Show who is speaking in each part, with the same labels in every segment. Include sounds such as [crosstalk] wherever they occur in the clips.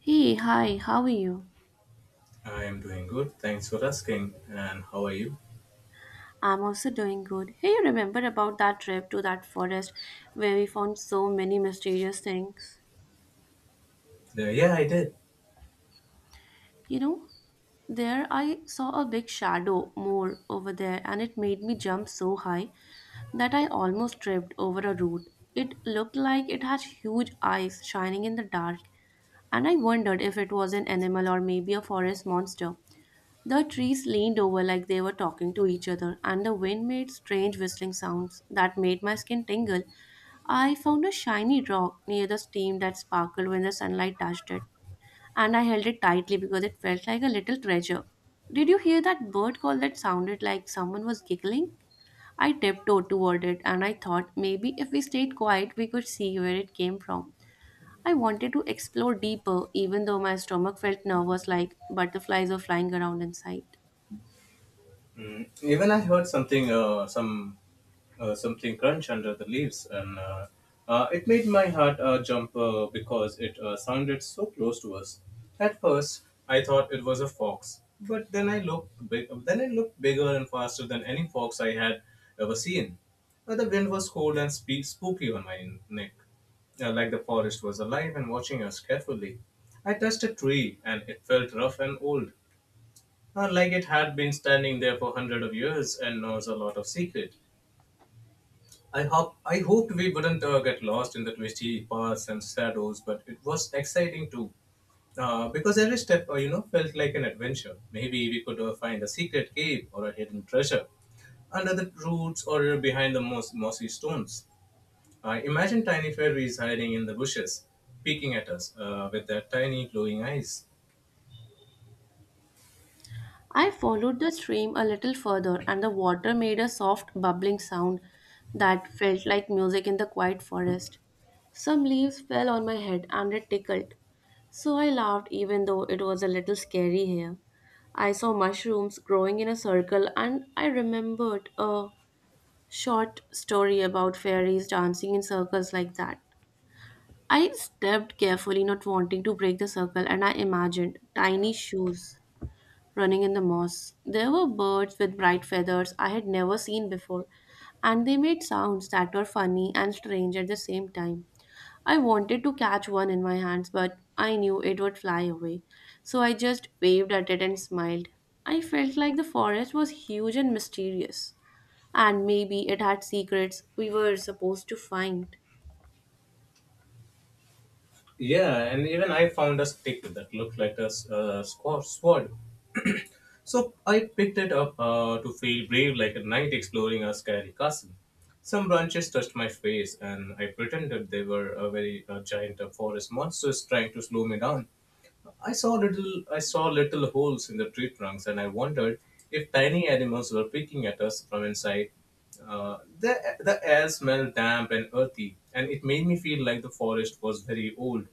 Speaker 1: Hey, hi, how are you?
Speaker 2: I am doing good. Thanks for asking. And how are you?
Speaker 1: I'm also doing good. Hey, you remember about that trip to that forest where we found so many mysterious things?
Speaker 2: Yeah, I did.
Speaker 1: You know, there I saw a big shadow more over there and it made me jump so high that I almost tripped over a root. It looked like it had huge eyes shining in the dark and I wondered if it was an animal or maybe a forest monster. The trees leaned over like they were talking to each other, and the wind made strange whistling sounds that made my skin tingle. I found a shiny rock near the stream that sparkled when the sunlight touched it, and I held it tightly because it felt like a little treasure. Did you hear that bird call that sounded like someone was giggling? I tiptoed toward it and I thought maybe if we stayed quiet, we could see where it came from. I wanted to explore deeper, even though my stomach felt nervous like butterflies were flying around inside.
Speaker 2: Mm, even I heard something, something crunch under the leaves, and it made my heart jump because it sounded so close to us. At first, I thought it was a fox, but then it looked bigger and faster than any fox I had ever seen. The wind was cold and spooky on my neck, like the forest was alive and watching us carefully. I touched a tree, and it felt rough and old, like it had been standing there for hundred of years and knows a lot of secret. I hoped we wouldn't get lost in the twisty paths and shadows, but it was exciting too. Because every step felt like an adventure. Maybe we could find a secret cave or a hidden treasure under the roots or behind the mossy stones. I imagine tiny fairies hiding in the bushes, peeking at us with their tiny glowing eyes.
Speaker 1: I followed the stream a little further, and the water made a soft bubbling sound that felt like music in the quiet forest. Some leaves fell on my head and it tickled, so I laughed even though it was a little scary here. I saw mushrooms growing in a circle, and I remembered a short story about fairies dancing in circles like that. I stepped carefully, not wanting to break the circle, and I imagined tiny shoes running in the moss. There were birds with bright feathers I had never seen before, and they made sounds that were funny and strange at the same time. I wanted to catch one in my hands, but I knew it would fly away, so I just waved at it and smiled. I felt like the forest was huge and mysterious, and maybe it had secrets we were supposed to find.
Speaker 2: Yeah, and even I found a stick that looked like a sword. So I picked it up to feel brave like a knight exploring a scary castle. Some branches touched my face, and I pretended they were a very giant forest monsters trying to slow me down. I saw little I saw little holes in the tree trunks and I wondered if tiny animals were peeking at us from inside. Uh, the, the air smelled damp and earthy, and it made me feel like the forest was very old.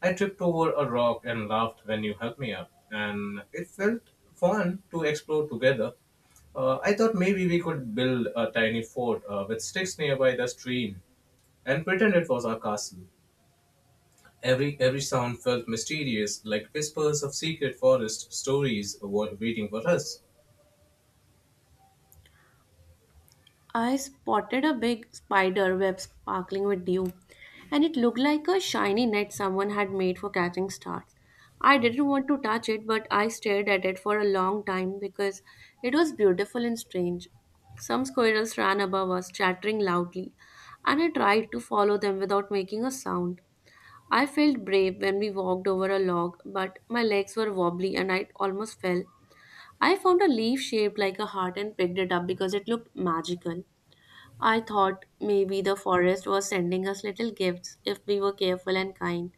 Speaker 2: I tripped over a rock and laughed when you helped me up, and it felt fun to explore together. I thought maybe we could build a tiny fort with sticks nearby the stream and pretend it was our castle. Every sound felt mysterious, like whispers of secret forest stories waiting for us.
Speaker 1: I spotted a big spider web sparkling with dew, and it looked like a shiny net someone had made for catching stars. I didn't want to touch it, but I stared at it for a long time because it was beautiful and strange. Some squirrels ran above us, chattering loudly, and I tried to follow them without making a sound. I felt brave when we walked over a log, but my legs were wobbly and I almost fell. I found a leaf shaped like a heart and picked it up because it looked magical. I thought maybe the forest was sending us little gifts if we were careful and kind.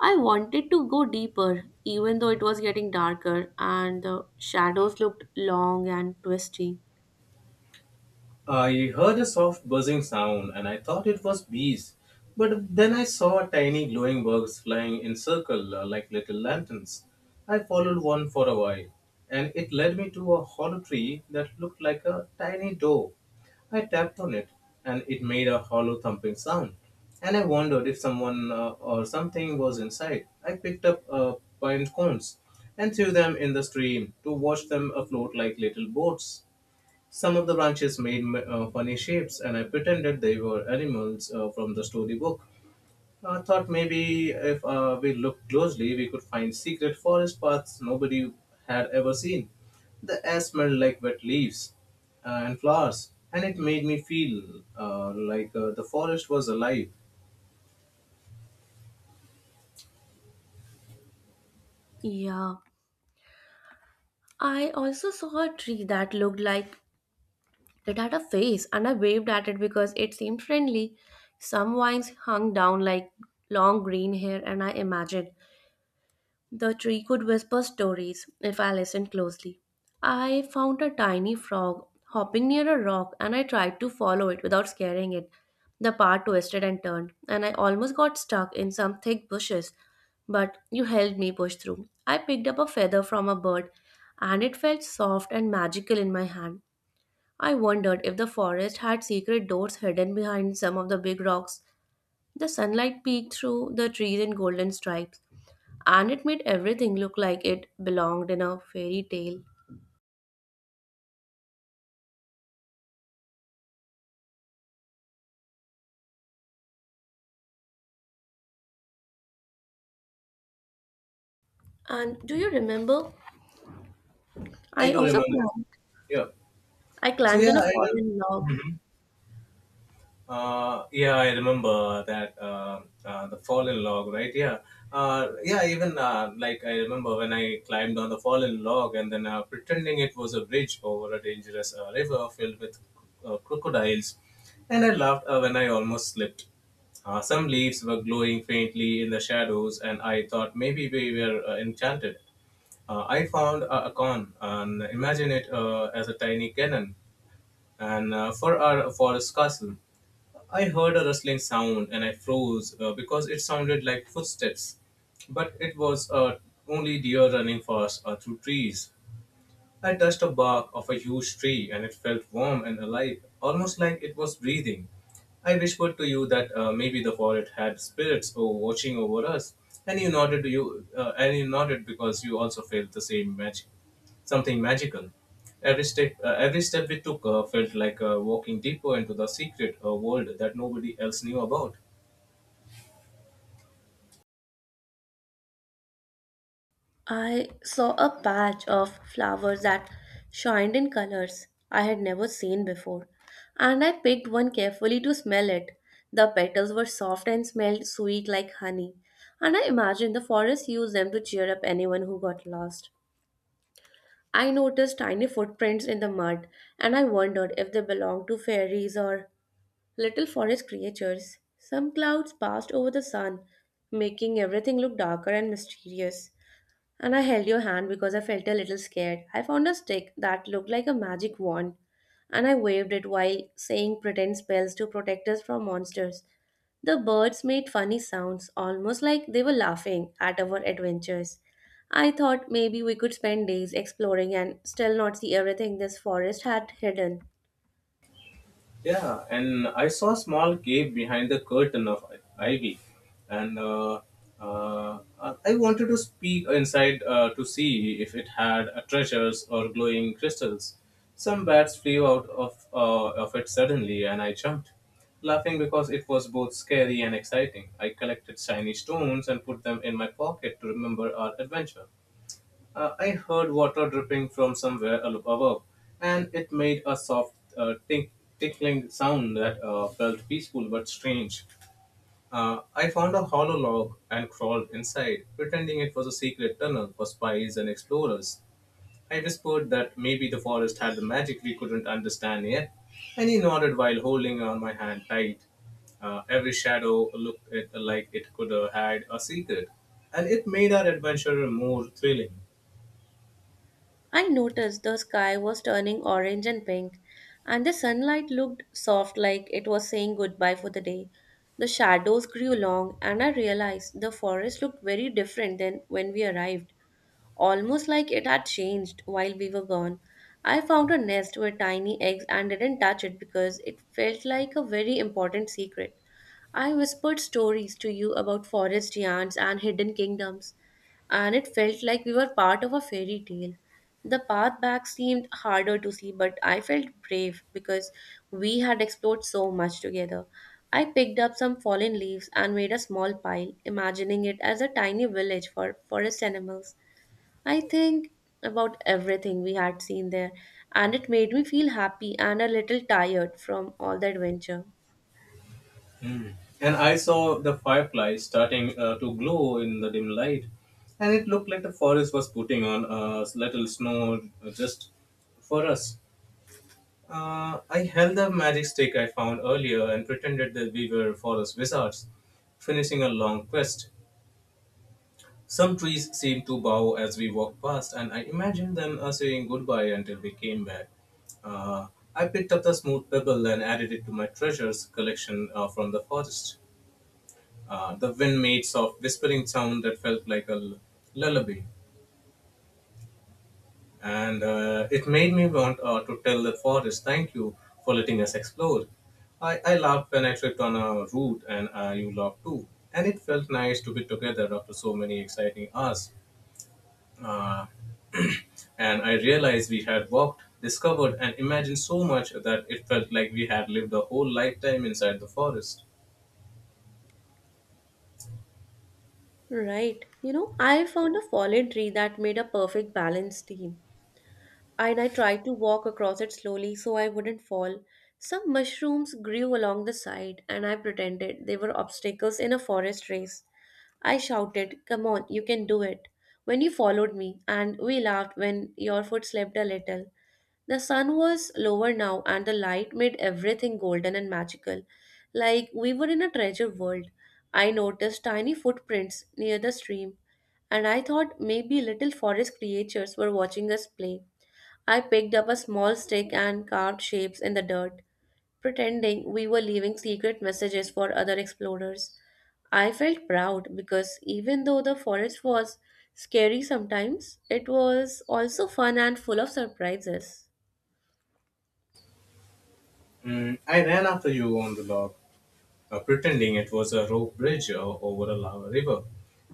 Speaker 1: I wanted to go deeper, even though it was getting darker and the shadows looked long and twisty.
Speaker 2: I heard a soft buzzing sound and I thought it was bees, but then I saw tiny glowing bugs flying in circle, like little lanterns. I followed one for a while, and it led me to a hollow tree that looked like a tiny door. I tapped on it, and it made a hollow thumping sound, and I wondered if someone, or something, was inside. I picked up pine cones and threw them in the stream to watch them afloat like little boats. Some of the branches made funny shapes, and I pretended they were animals from the storybook. I thought maybe if we looked closely, we could find secret forest paths nobody had ever seen. The air smelled like wet leaves and flowers, and it made me feel like the forest was alive.
Speaker 1: Yeah, I also saw a tree that looked like it had a face, and I waved at it because it seemed friendly. Some vines hung down like long green hair, and I imagined the tree could whisper stories if I listened closely. I found a tiny frog hopping near a rock and I tried to follow it without scaring it. The path twisted and turned, and I almost got stuck in some thick bushes, but you helped me push through. I picked up a feather from a bird and it felt soft and magical in my hand. I wondered if the forest had secret doors hidden behind some of the big rocks. The sunlight peeked through the trees in golden stripes and it made everything look like it belonged in a fairy tale. And do you remember?
Speaker 2: I
Speaker 1: I
Speaker 2: do
Speaker 1: also
Speaker 2: remember.
Speaker 1: climbed,
Speaker 2: Yeah.
Speaker 1: I
Speaker 2: So
Speaker 1: climbed
Speaker 2: yeah,
Speaker 1: on a
Speaker 2: I,
Speaker 1: fallen log.
Speaker 2: yeah, I remember that, the fallen log, right? Yeah, yeah. Even I remember when I climbed on the fallen log and then pretending it was a bridge over a dangerous river filled with crocodiles, and I laughed when I almost slipped. Some leaves were glowing faintly in the shadows, and I thought maybe we were enchanted. I found a con and imagine it as a tiny cannon and for our forest castle. I heard a rustling sound and I froze, because it sounded like footsteps, but it was only deer running fast through trees. I touched a bark of a huge tree and it felt warm and alive, almost like it was breathing. I whispered to you that, maybe the forest had spirits or watching over us, and you nodded. You and you nodded because you also felt the same magic, something magical. Every step we took felt like walking deeper into the secret world that nobody else knew about.
Speaker 1: I saw a patch of flowers that shined in colors I had never seen before, and I picked one carefully to smell it. The petals were soft and smelled sweet like honey, and I imagined the forest used them to cheer up anyone who got lost. I noticed tiny footprints in the mud, and I wondered if they belonged to fairies or little forest creatures. Some clouds passed over the sun, making everything look darker and mysterious. And I held your hand because I felt a little scared. I found a stick that looked like a magic wand, and I waved it while saying pretend spells to protect us from monsters. The birds made funny sounds, almost like they were laughing at our adventures. I thought maybe we could spend days exploring and still not see everything this forest had hidden.
Speaker 2: Yeah, and I saw a small cave behind the curtain of ivy, and uh, I wanted to peek inside to see if it had treasures or glowing crystals. Some bats flew out of it suddenly, and I jumped, laughing because it was both scary and exciting. I collected shiny stones and put them in my pocket to remember our adventure. I heard water dripping from somewhere above, and it made a soft tinkling sound that felt peaceful but strange. I found a hollow log and crawled inside, pretending it was a secret tunnel for spies and explorers. I whispered that maybe the forest had the magic we couldn't understand yet, and he nodded while holding on my hand tight. Every shadow looked it like it could hide a secret, and it made our adventure more thrilling.
Speaker 1: I noticed the sky was turning orange and pink, and the sunlight looked soft like it was saying goodbye for the day. The shadows grew long, and I realized the forest looked very different than when we arrived, almost like it had changed while we were gone. I found a nest with tiny eggs and didn't touch it because it felt like a very important secret. I whispered stories to you about forest giants and hidden kingdoms, and it felt like we were part of a fairy tale. The path back seemed harder to see, but I felt brave because we had explored so much together. I picked up some fallen leaves and made a small pile, imagining it as a tiny village for forest animals. I think about everything we had seen there, and it made me feel happy and a little tired from all the adventure.
Speaker 2: And I saw the fireflies starting to glow in the dim light, and it looked like the forest was putting on a little snow just for us. I held the magic stick I found earlier and pretended that we were forest wizards, finishing a long quest. Some trees seemed to bow as we walked past, and I imagined them saying goodbye until we came back. Uh, I picked up the smooth pebble and added it to my treasures collection from the forest. The wind made soft whispering sound that felt like a lullaby. And it made me want to tell the forest, thank you for letting us explore. I laughed when I tripped on a root and you laughed too. And it felt nice to be together after so many exciting hours. Uh, [clears throat] and I realized we had walked, discovered, and imagined so much that it felt like we had lived a whole lifetime inside the forest.
Speaker 1: Right. You know, I found a fallen tree that made a perfect balance team. And I tried to walk across it slowly so I wouldn't fall. Some mushrooms grew along the side, and I pretended they were obstacles in a forest race. I shouted, "Come on, you can do it," when you followed me, and we laughed when your foot slipped a little. The sun was lower now, and the light made everything golden and magical, like we were in a treasure world. I noticed tiny footprints near the stream, and I thought maybe little forest creatures were watching us play. I picked up a small stick and carved shapes in the dirt, pretending we were leaving secret messages for other explorers. I felt proud because even though the forest was scary sometimes, it was also fun and full of surprises.
Speaker 2: Mm, I ran after you on the log, pretending it was a rope bridge over a lava river,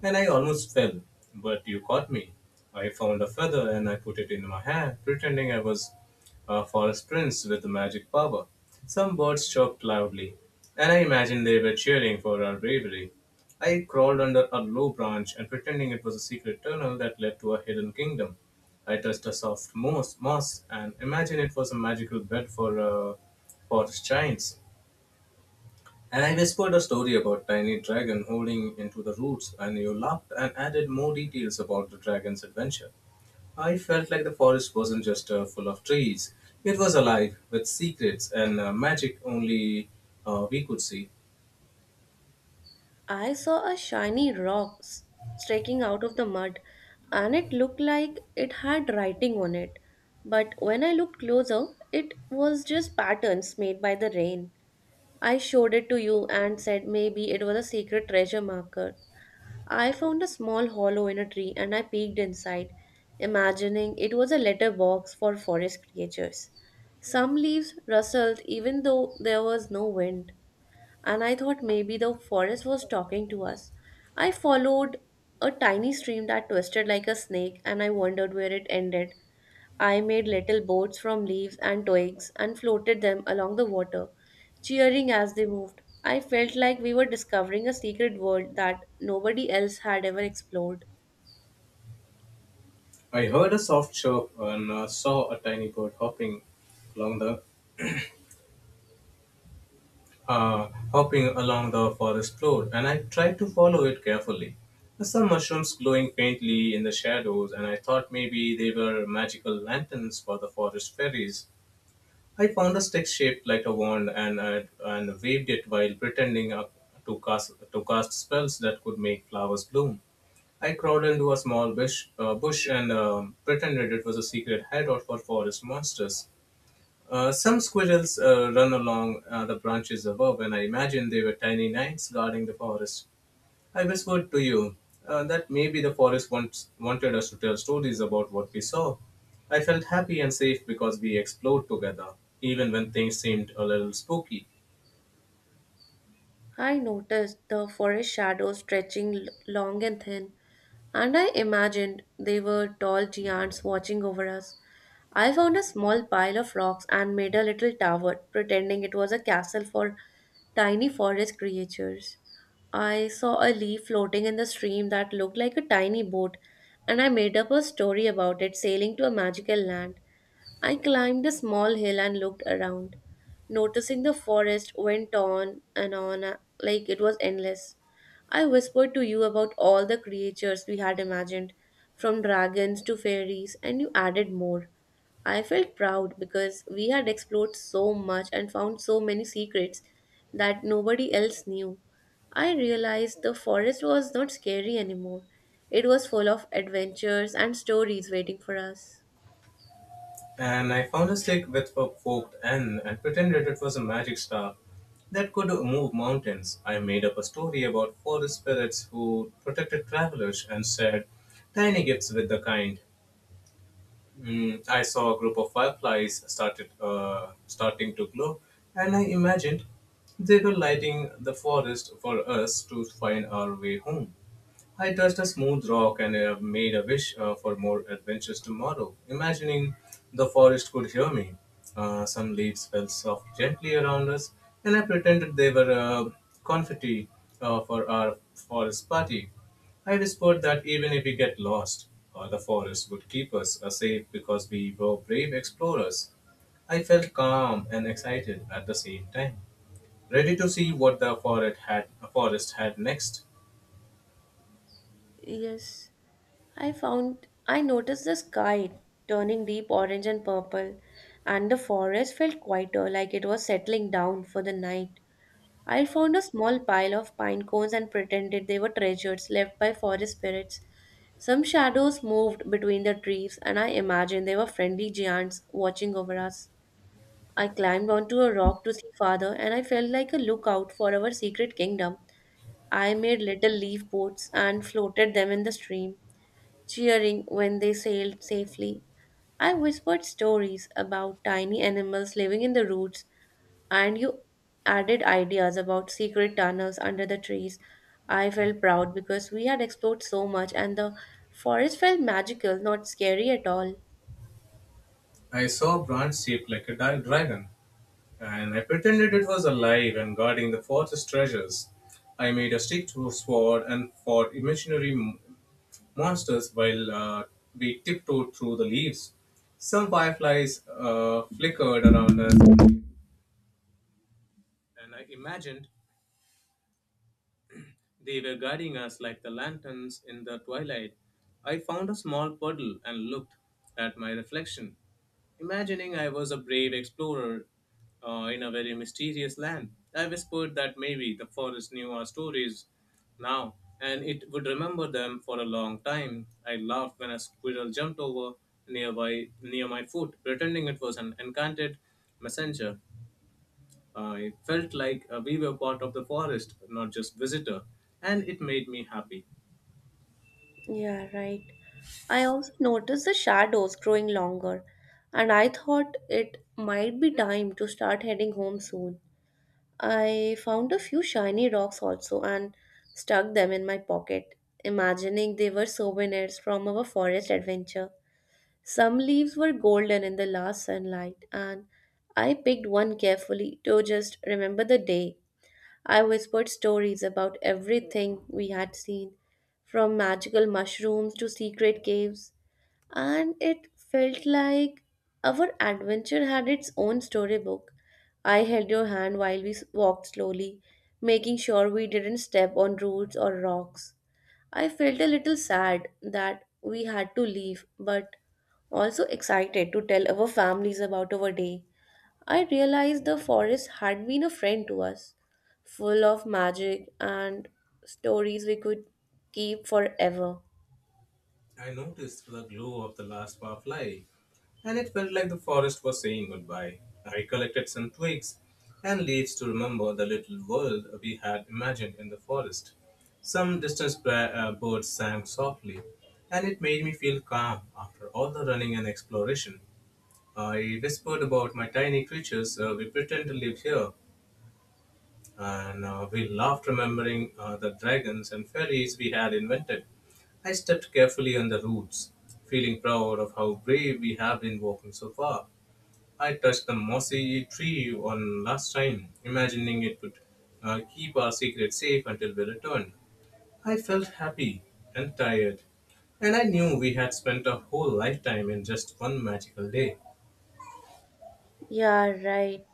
Speaker 2: and I almost fell, but you caught me. I found a feather and I put it in my hair, pretending I was a forest prince with magic power. Some birds chirped loudly, and I imagined they were cheering for our bravery. I crawled under a low branch and pretending it was a secret tunnel that led to a hidden kingdom. I touched a soft moss and imagined it was a magical bed for forest giants. And I whispered a story about tiny dragon holding into the roots, and you laughed and added more details about the dragon's adventure. I felt like the forest wasn't just full of trees; it was alive with secrets and magic only we could see.
Speaker 1: I saw a shiny sticking out of the mud and it looked like it had writing on it. But when I looked closer, it was just patterns made by the rain. I showed it to you and said maybe it was a secret treasure marker. I found a small hollow in a tree and I peeked inside, imagining it was a letter box for forest creatures. Some leaves rustled even though there was no wind, and I thought maybe the forest was talking to us. I followed a tiny stream that twisted like a snake and I wondered where it ended. I made little boats from leaves and twigs and floated them along the water, cheering as they moved. I felt like we were discovering a secret world that nobody else had ever explored.
Speaker 2: I heard a soft chirp and saw a tiny bird along the hopping along the forest floor, and I tried to follow it carefully. Some mushrooms glowing faintly in the shadows, and I thought maybe they were magical lanterns for the forest fairies. I found a stick shaped like a wand and waved it while pretending to cast spells that could make flowers bloom. I crawled into a small bush and pretended it was a secret hideout for forest monsters. Some squirrels run along the branches above, and I imagine they were tiny knights guarding the forest. I whispered to you that maybe the forest once wanted us to tell stories about what we saw. I felt happy and safe because we explored together, even when things seemed a little spooky.
Speaker 1: I noticed the forest shadows long and thin, and I imagined they were tall giants watching over us. I found a small pile of rocks and made a little tower, pretending it was a castle for tiny forest creatures. I saw a leaf floating in the stream that looked like a tiny boat, and I made up a story about it sailing to a magical land. I climbed a small hill and looked around, noticing the forest went on and on like it was endless. I whispered to you about all the creatures we had imagined, from dragons to fairies, and you added more. I felt proud because we had explored so much and found so many secrets that nobody else knew. I realized the forest was not scary anymore. It was full of adventures and stories waiting for us.
Speaker 2: And I found a stick with a forked end and pretended it was a magic staff that could move mountains. I made up a story about forest spirits who protected travelers and shared tiny gifts with the kind. Mm, I saw a group of fireflies started starting to glow, and I imagined they were lighting the forest for us to find our way home. I touched a smooth rock and made a wish for more adventures tomorrow, imagining the forest could hear me. Some leaves fell soft gently around us, and I pretended they were confetti for our forest party. I whispered that even if we get lost, the forest would keep us safe because we were brave explorers. I felt calm and excited at the same time, ready to see what the forest had next.
Speaker 1: Yes. I noticed the sky turning deep orange and purple, and the forest felt quieter, like it was settling down for the night. I found a small pile of pine cones and pretended they were treasures left by forest spirits. Some shadows moved between the trees, and I imagined they were friendly giants watching over us. I climbed onto a rock to see farther, and I felt like a lookout for our secret kingdom. I made little leaf boats and floated them in the stream, cheering when they sailed safely. I whispered stories about tiny animals living in the roots, and you added ideas about secret tunnels under the trees. I felt proud because we had explored so much, and the forest felt magical, not scary at all.
Speaker 2: I saw a branch shaped like a dragon, and I pretended it was alive and guarding the forest's treasures. I made a stick to a sword and fought imaginary monsters while we tiptoed through the leaves. Some fireflies flickered around us, and I imagined they were guiding us like the lanterns in the twilight. I found a small puddle and looked at my reflection, imagining I was a brave explorer in a very mysterious land. I whispered that maybe the forest knew our stories now, and it would remember them for a long time. I laughed when a squirrel jumped over nearby near my foot, pretending it was an enchanted messenger. It felt like we were part of the forest, not just visitor, and it made me happy.
Speaker 1: Yeah, right. I also noticed the shadows growing longer, and I thought it might be time to start heading home soon. I found a few shiny rocks also and stuck them in my pocket, imagining they were souvenirs from our forest adventure. Some leaves were golden in the last sunlight, and I picked one carefully to just remember the day. I whispered stories about everything we had seen, from magical mushrooms to secret caves, and it felt like our adventure had its own storybook. I held your hand while walked slowly, making sure we didn't step on roots or rocks. I felt a little sad that we had to leave, but also excited to tell our families about our day. I realized the forest had been a friend to us, full of magic and stories we could keep forever.
Speaker 2: I noticed the glow of the last firefly, and it felt like the forest was saying goodbye. I collected some twigs and leaves to remember the little world we had imagined in the forest. Some distant birds sang softly, and it made me feel calm after all the running and exploration. I whispered about my tiny creatures we pretend to live here, and we laughed remembering the dragons and ferries we had invented. I stepped carefully on the roots, feeling proud of how brave we have been walking so far. I touched the mossy tree on last time, imagining it would keep our secret safe until we returned. I felt happy and tired, and I knew we had spent a whole lifetime in just one magical day.
Speaker 1: Yeah, right.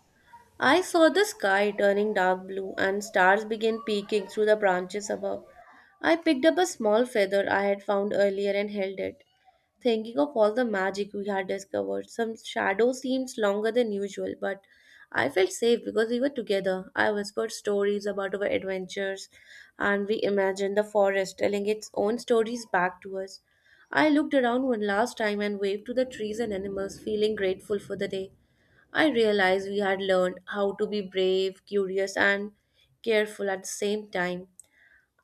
Speaker 1: I saw the sky turning dark blue and stars began peeking through the branches above. I picked up a small feather I had found earlier and held it, thinking of all the magic we had discovered. Some shadow seems longer than usual, but I felt safe because we were together. I whispered stories about our adventures and we imagined the forest telling its own stories back to us. I looked around one last time and waved to the trees and animals, feeling grateful for the day. I realized we had learned how to be brave, curious, and careful at the same time.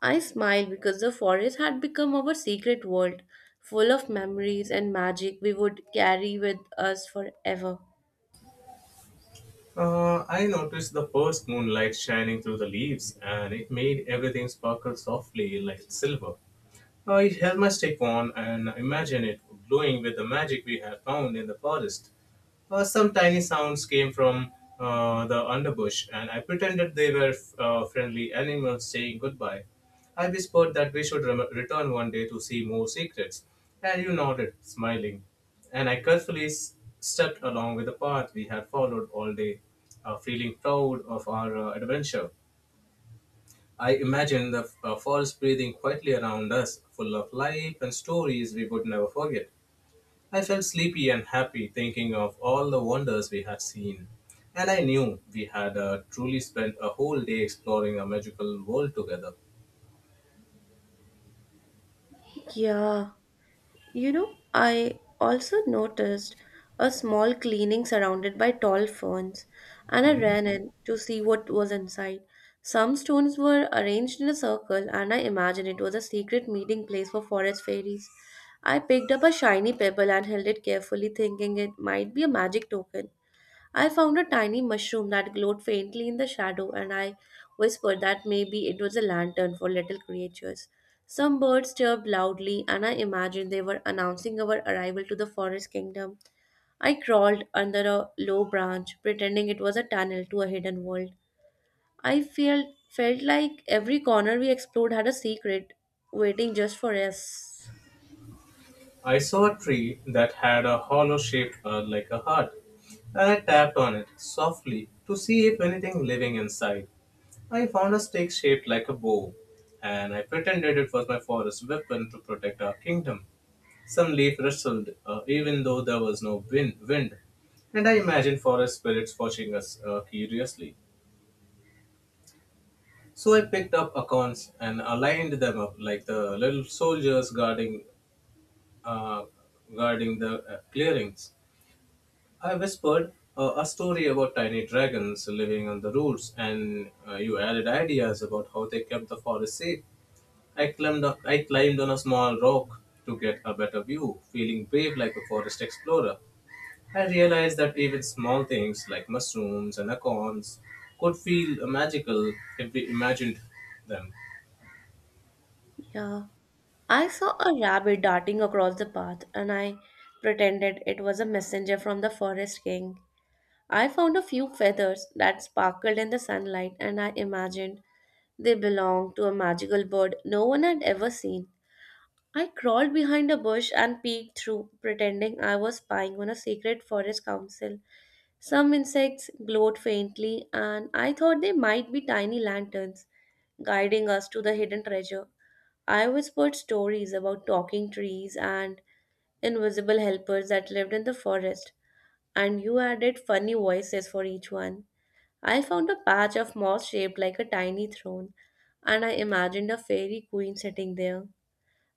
Speaker 1: I smiled because the forest had become our secret world, full of memories and magic we would carry with us forever.
Speaker 2: I noticed the first moonlight shining through the leaves, and it made everything sparkle softly like silver. I held my stick on and imagined it glowing with the magic we had found in the forest. Some tiny sounds came from the underbush, and I pretended they were friendly animals saying goodbye. I whispered that we should rem- return one day to see more secrets, and you nodded, smiling. And I carefully s- stepped along with the path we had followed all day, feeling proud of our adventure. I imagine the forest breathing quietly around us, full of life and stories we would never forget. I felt sleepy and happy thinking of all the wonders we had seen. And I knew we had truly spent a whole day exploring a magical world together.
Speaker 1: Yeah. You know, I also noticed a small cleaning surrounded by tall ferns, and I ran in to see what was inside. Some stones were arranged in a circle, and I imagined it was a secret meeting place for forest fairies. I picked up a shiny pebble and held it carefully, thinking it might be a magic token. I found a tiny mushroom that glowed faintly in the shadow, and I whispered that maybe it was a lantern for little creatures. Some birds chirped loudly, and I imagined they were announcing our arrival to the forest kingdom. I crawled under a low branch, pretending it was a tunnel to a hidden world. I felt like every corner we explored had a secret waiting just for us.
Speaker 2: I saw a tree that had a hollow shape like a heart, and I tapped on it softly to see if anything living inside. I found a stick shaped like a bow, and I pretended it was my forest weapon to protect our kingdom. Some leaf rustled, even though there was no win- wind, and I imagined forest spirits watching us curiously. So I picked up acorns and aligned them up like the little soldiers guarding, uh, guarding the clearings. I whispered a story about tiny dragons living on the roots, and you added ideas about how they kept the forest safe. I climbed on a small rock to get a better view, feeling brave like a forest explorer. I realized that even small things like mushrooms and acorns could feel magical if we imagined them.
Speaker 1: Yeah. I saw a rabbit darting across the path and I pretended it was a messenger from the forest king. I found a few feathers that sparkled in the sunlight and I imagined they belonged to a magical bird no one had ever seen. I crawled behind a bush and peeked through, pretending I was spying on a secret forest council. Some insects glowed faintly, and I thought they might be tiny lanterns guiding us to the hidden treasure. I whispered stories about talking trees and invisible helpers that lived in the forest, and you added funny voices for each one. I found a patch of moss shaped like a tiny throne, and I imagined a fairy queen sitting there.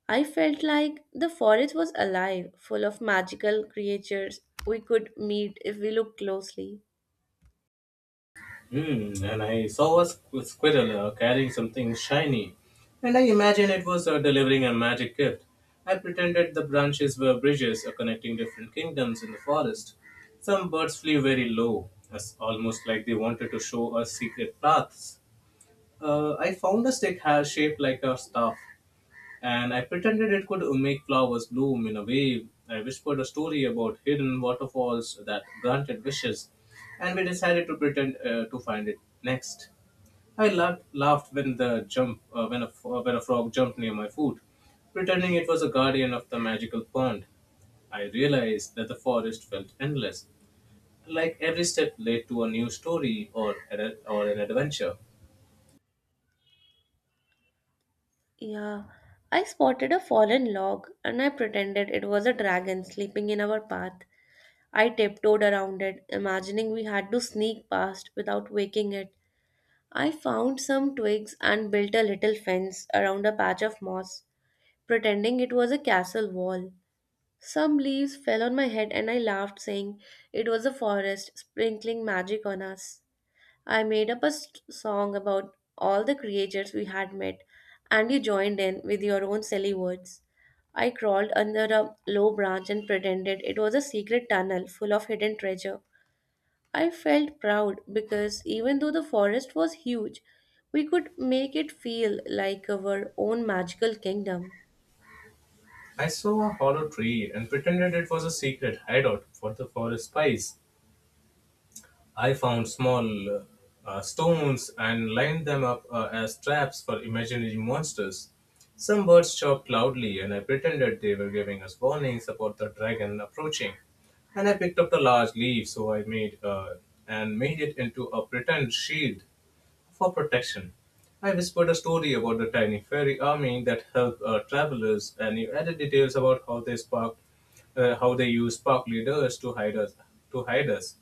Speaker 1: I felt like the forest was alive, full of magical creatures we could meet if we looked closely.
Speaker 2: And I saw a squirrel carrying something shiny, and I imagined it was delivering a magic gift. I pretended the branches were bridges connecting different kingdoms in the forest. Some birds flew very low, as almost like they wanted to show us secret paths. I found a stick has shaped like a staff, and I pretended it could make flowers bloom in a way. I whispered a story about hidden waterfalls that granted wishes, and we decided to pretend to find it next. I laughed when the jump when a f- when a frog jumped near my foot, pretending it was a guardian of the magical pond. I realized that the forest felt endless, like every step led to a new story or an adventure.
Speaker 1: Yeah, I spotted a fallen log and I pretended it was a dragon sleeping in our path. I tiptoed around it, imagining we had to sneak past without waking it. I found some twigs and built a little fence around a patch of moss, pretending it was a castle wall. Some leaves fell on my head and I laughed, saying it was a forest sprinkling magic on us. I made up a song about all the creatures we had met, and you joined in with your own silly words. I crawled under a low branch and pretended it was a secret tunnel full of hidden treasure. I felt proud because even though the forest was huge, we could make it feel like our own magical kingdom.
Speaker 2: I saw a hollow tree and pretended it was a secret hideout for the forest spies. I found small stones and lined them up as traps for imaginary monsters. Some birds chirped loudly, and I pretended they were giving us warnings about the dragon approaching. And I picked up the large leaf, so I made it into a pretend shield for protection. I whispered a story about the tiny fairy army that helped travelers, and you added details about how they used sparkly dust to hide us. To hide us.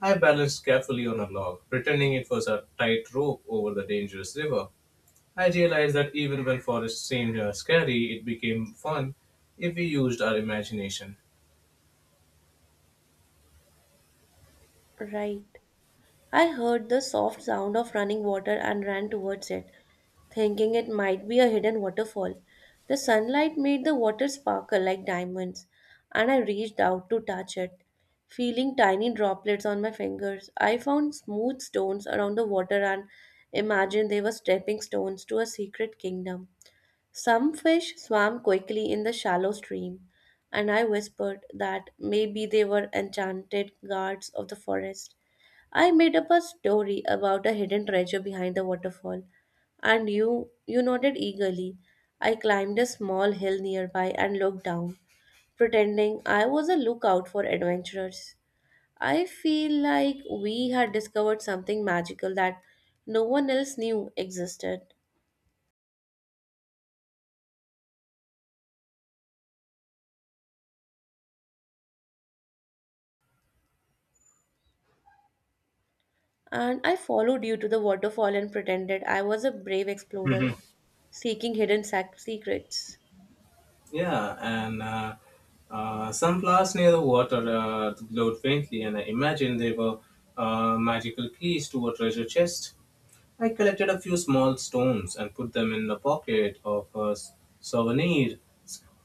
Speaker 2: I balanced carefully on a log, pretending it was a tight rope over the dangerous river. I realized that even when forest seemed scary, it became fun if we used our imagination.
Speaker 1: Right. I heard the soft sound of running water and ran towards it, thinking it might be a hidden waterfall. The sunlight made the water sparkle like diamonds, and I reached out to touch it. Feeling tiny droplets on my fingers, I found smooth stones around the water and imagined they were stepping stones to a secret kingdom. Some fish swam quickly in the shallow stream, and I whispered that maybe they were enchanted guards of the forest. I made up a story about a hidden treasure behind the waterfall, and you nodded eagerly. I climbed a small hill nearby and looked down, pretending I was a lookout for adventurers. I feel like we had discovered something magical that no one else knew existed. And I followed you to the waterfall and pretended I was a brave explorer seeking hidden secrets.
Speaker 2: Yeah, and some flowers near the water glowed faintly, and I imagined they were magical keys to a treasure chest. I collected a few small stones and put them in the pocket of a s- souvenir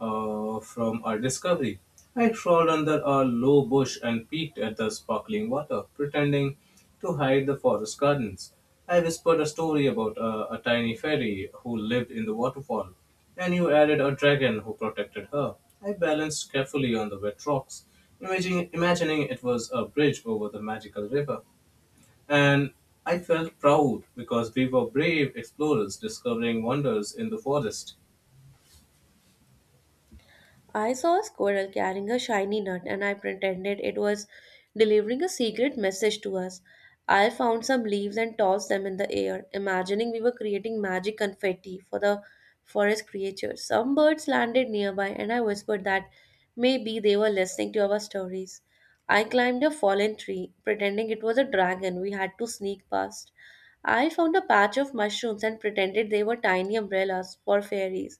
Speaker 2: from our discovery. I crawled under a low bush and peeked at the sparkling water, pretending to hide the forest gardens. I whispered a story about a tiny fairy who lived in the waterfall, and you added a dragon who protected her. I balanced carefully on the wet rocks, imagining it was a bridge over the magical river. And I felt proud because we were brave explorers discovering wonders in the forest.
Speaker 1: I saw a squirrel carrying a shiny nut and I pretended it was delivering a secret message to us. I found some leaves and tossed them in the air, imagining we were creating magic confetti for the forest creatures. Some birds landed nearby and I whispered that maybe they were listening to our stories. I climbed a fallen tree, pretending it was a dragon we had to sneak past. I found a patch of mushrooms and pretended they were tiny umbrellas for fairies.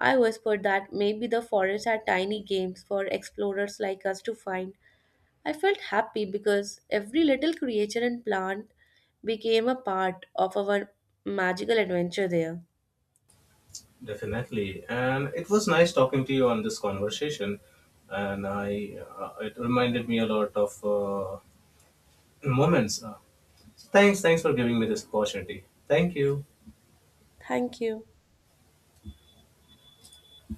Speaker 1: I whispered that maybe the forest had tiny games for explorers like us to find. I felt happy because every little creature and plant became a part of our magical adventure there.
Speaker 2: Definitely. And it was nice talking to you on this conversation. And it reminded me a lot of moments. Thanks for giving me this opportunity. Thank you.
Speaker 1: Thank you.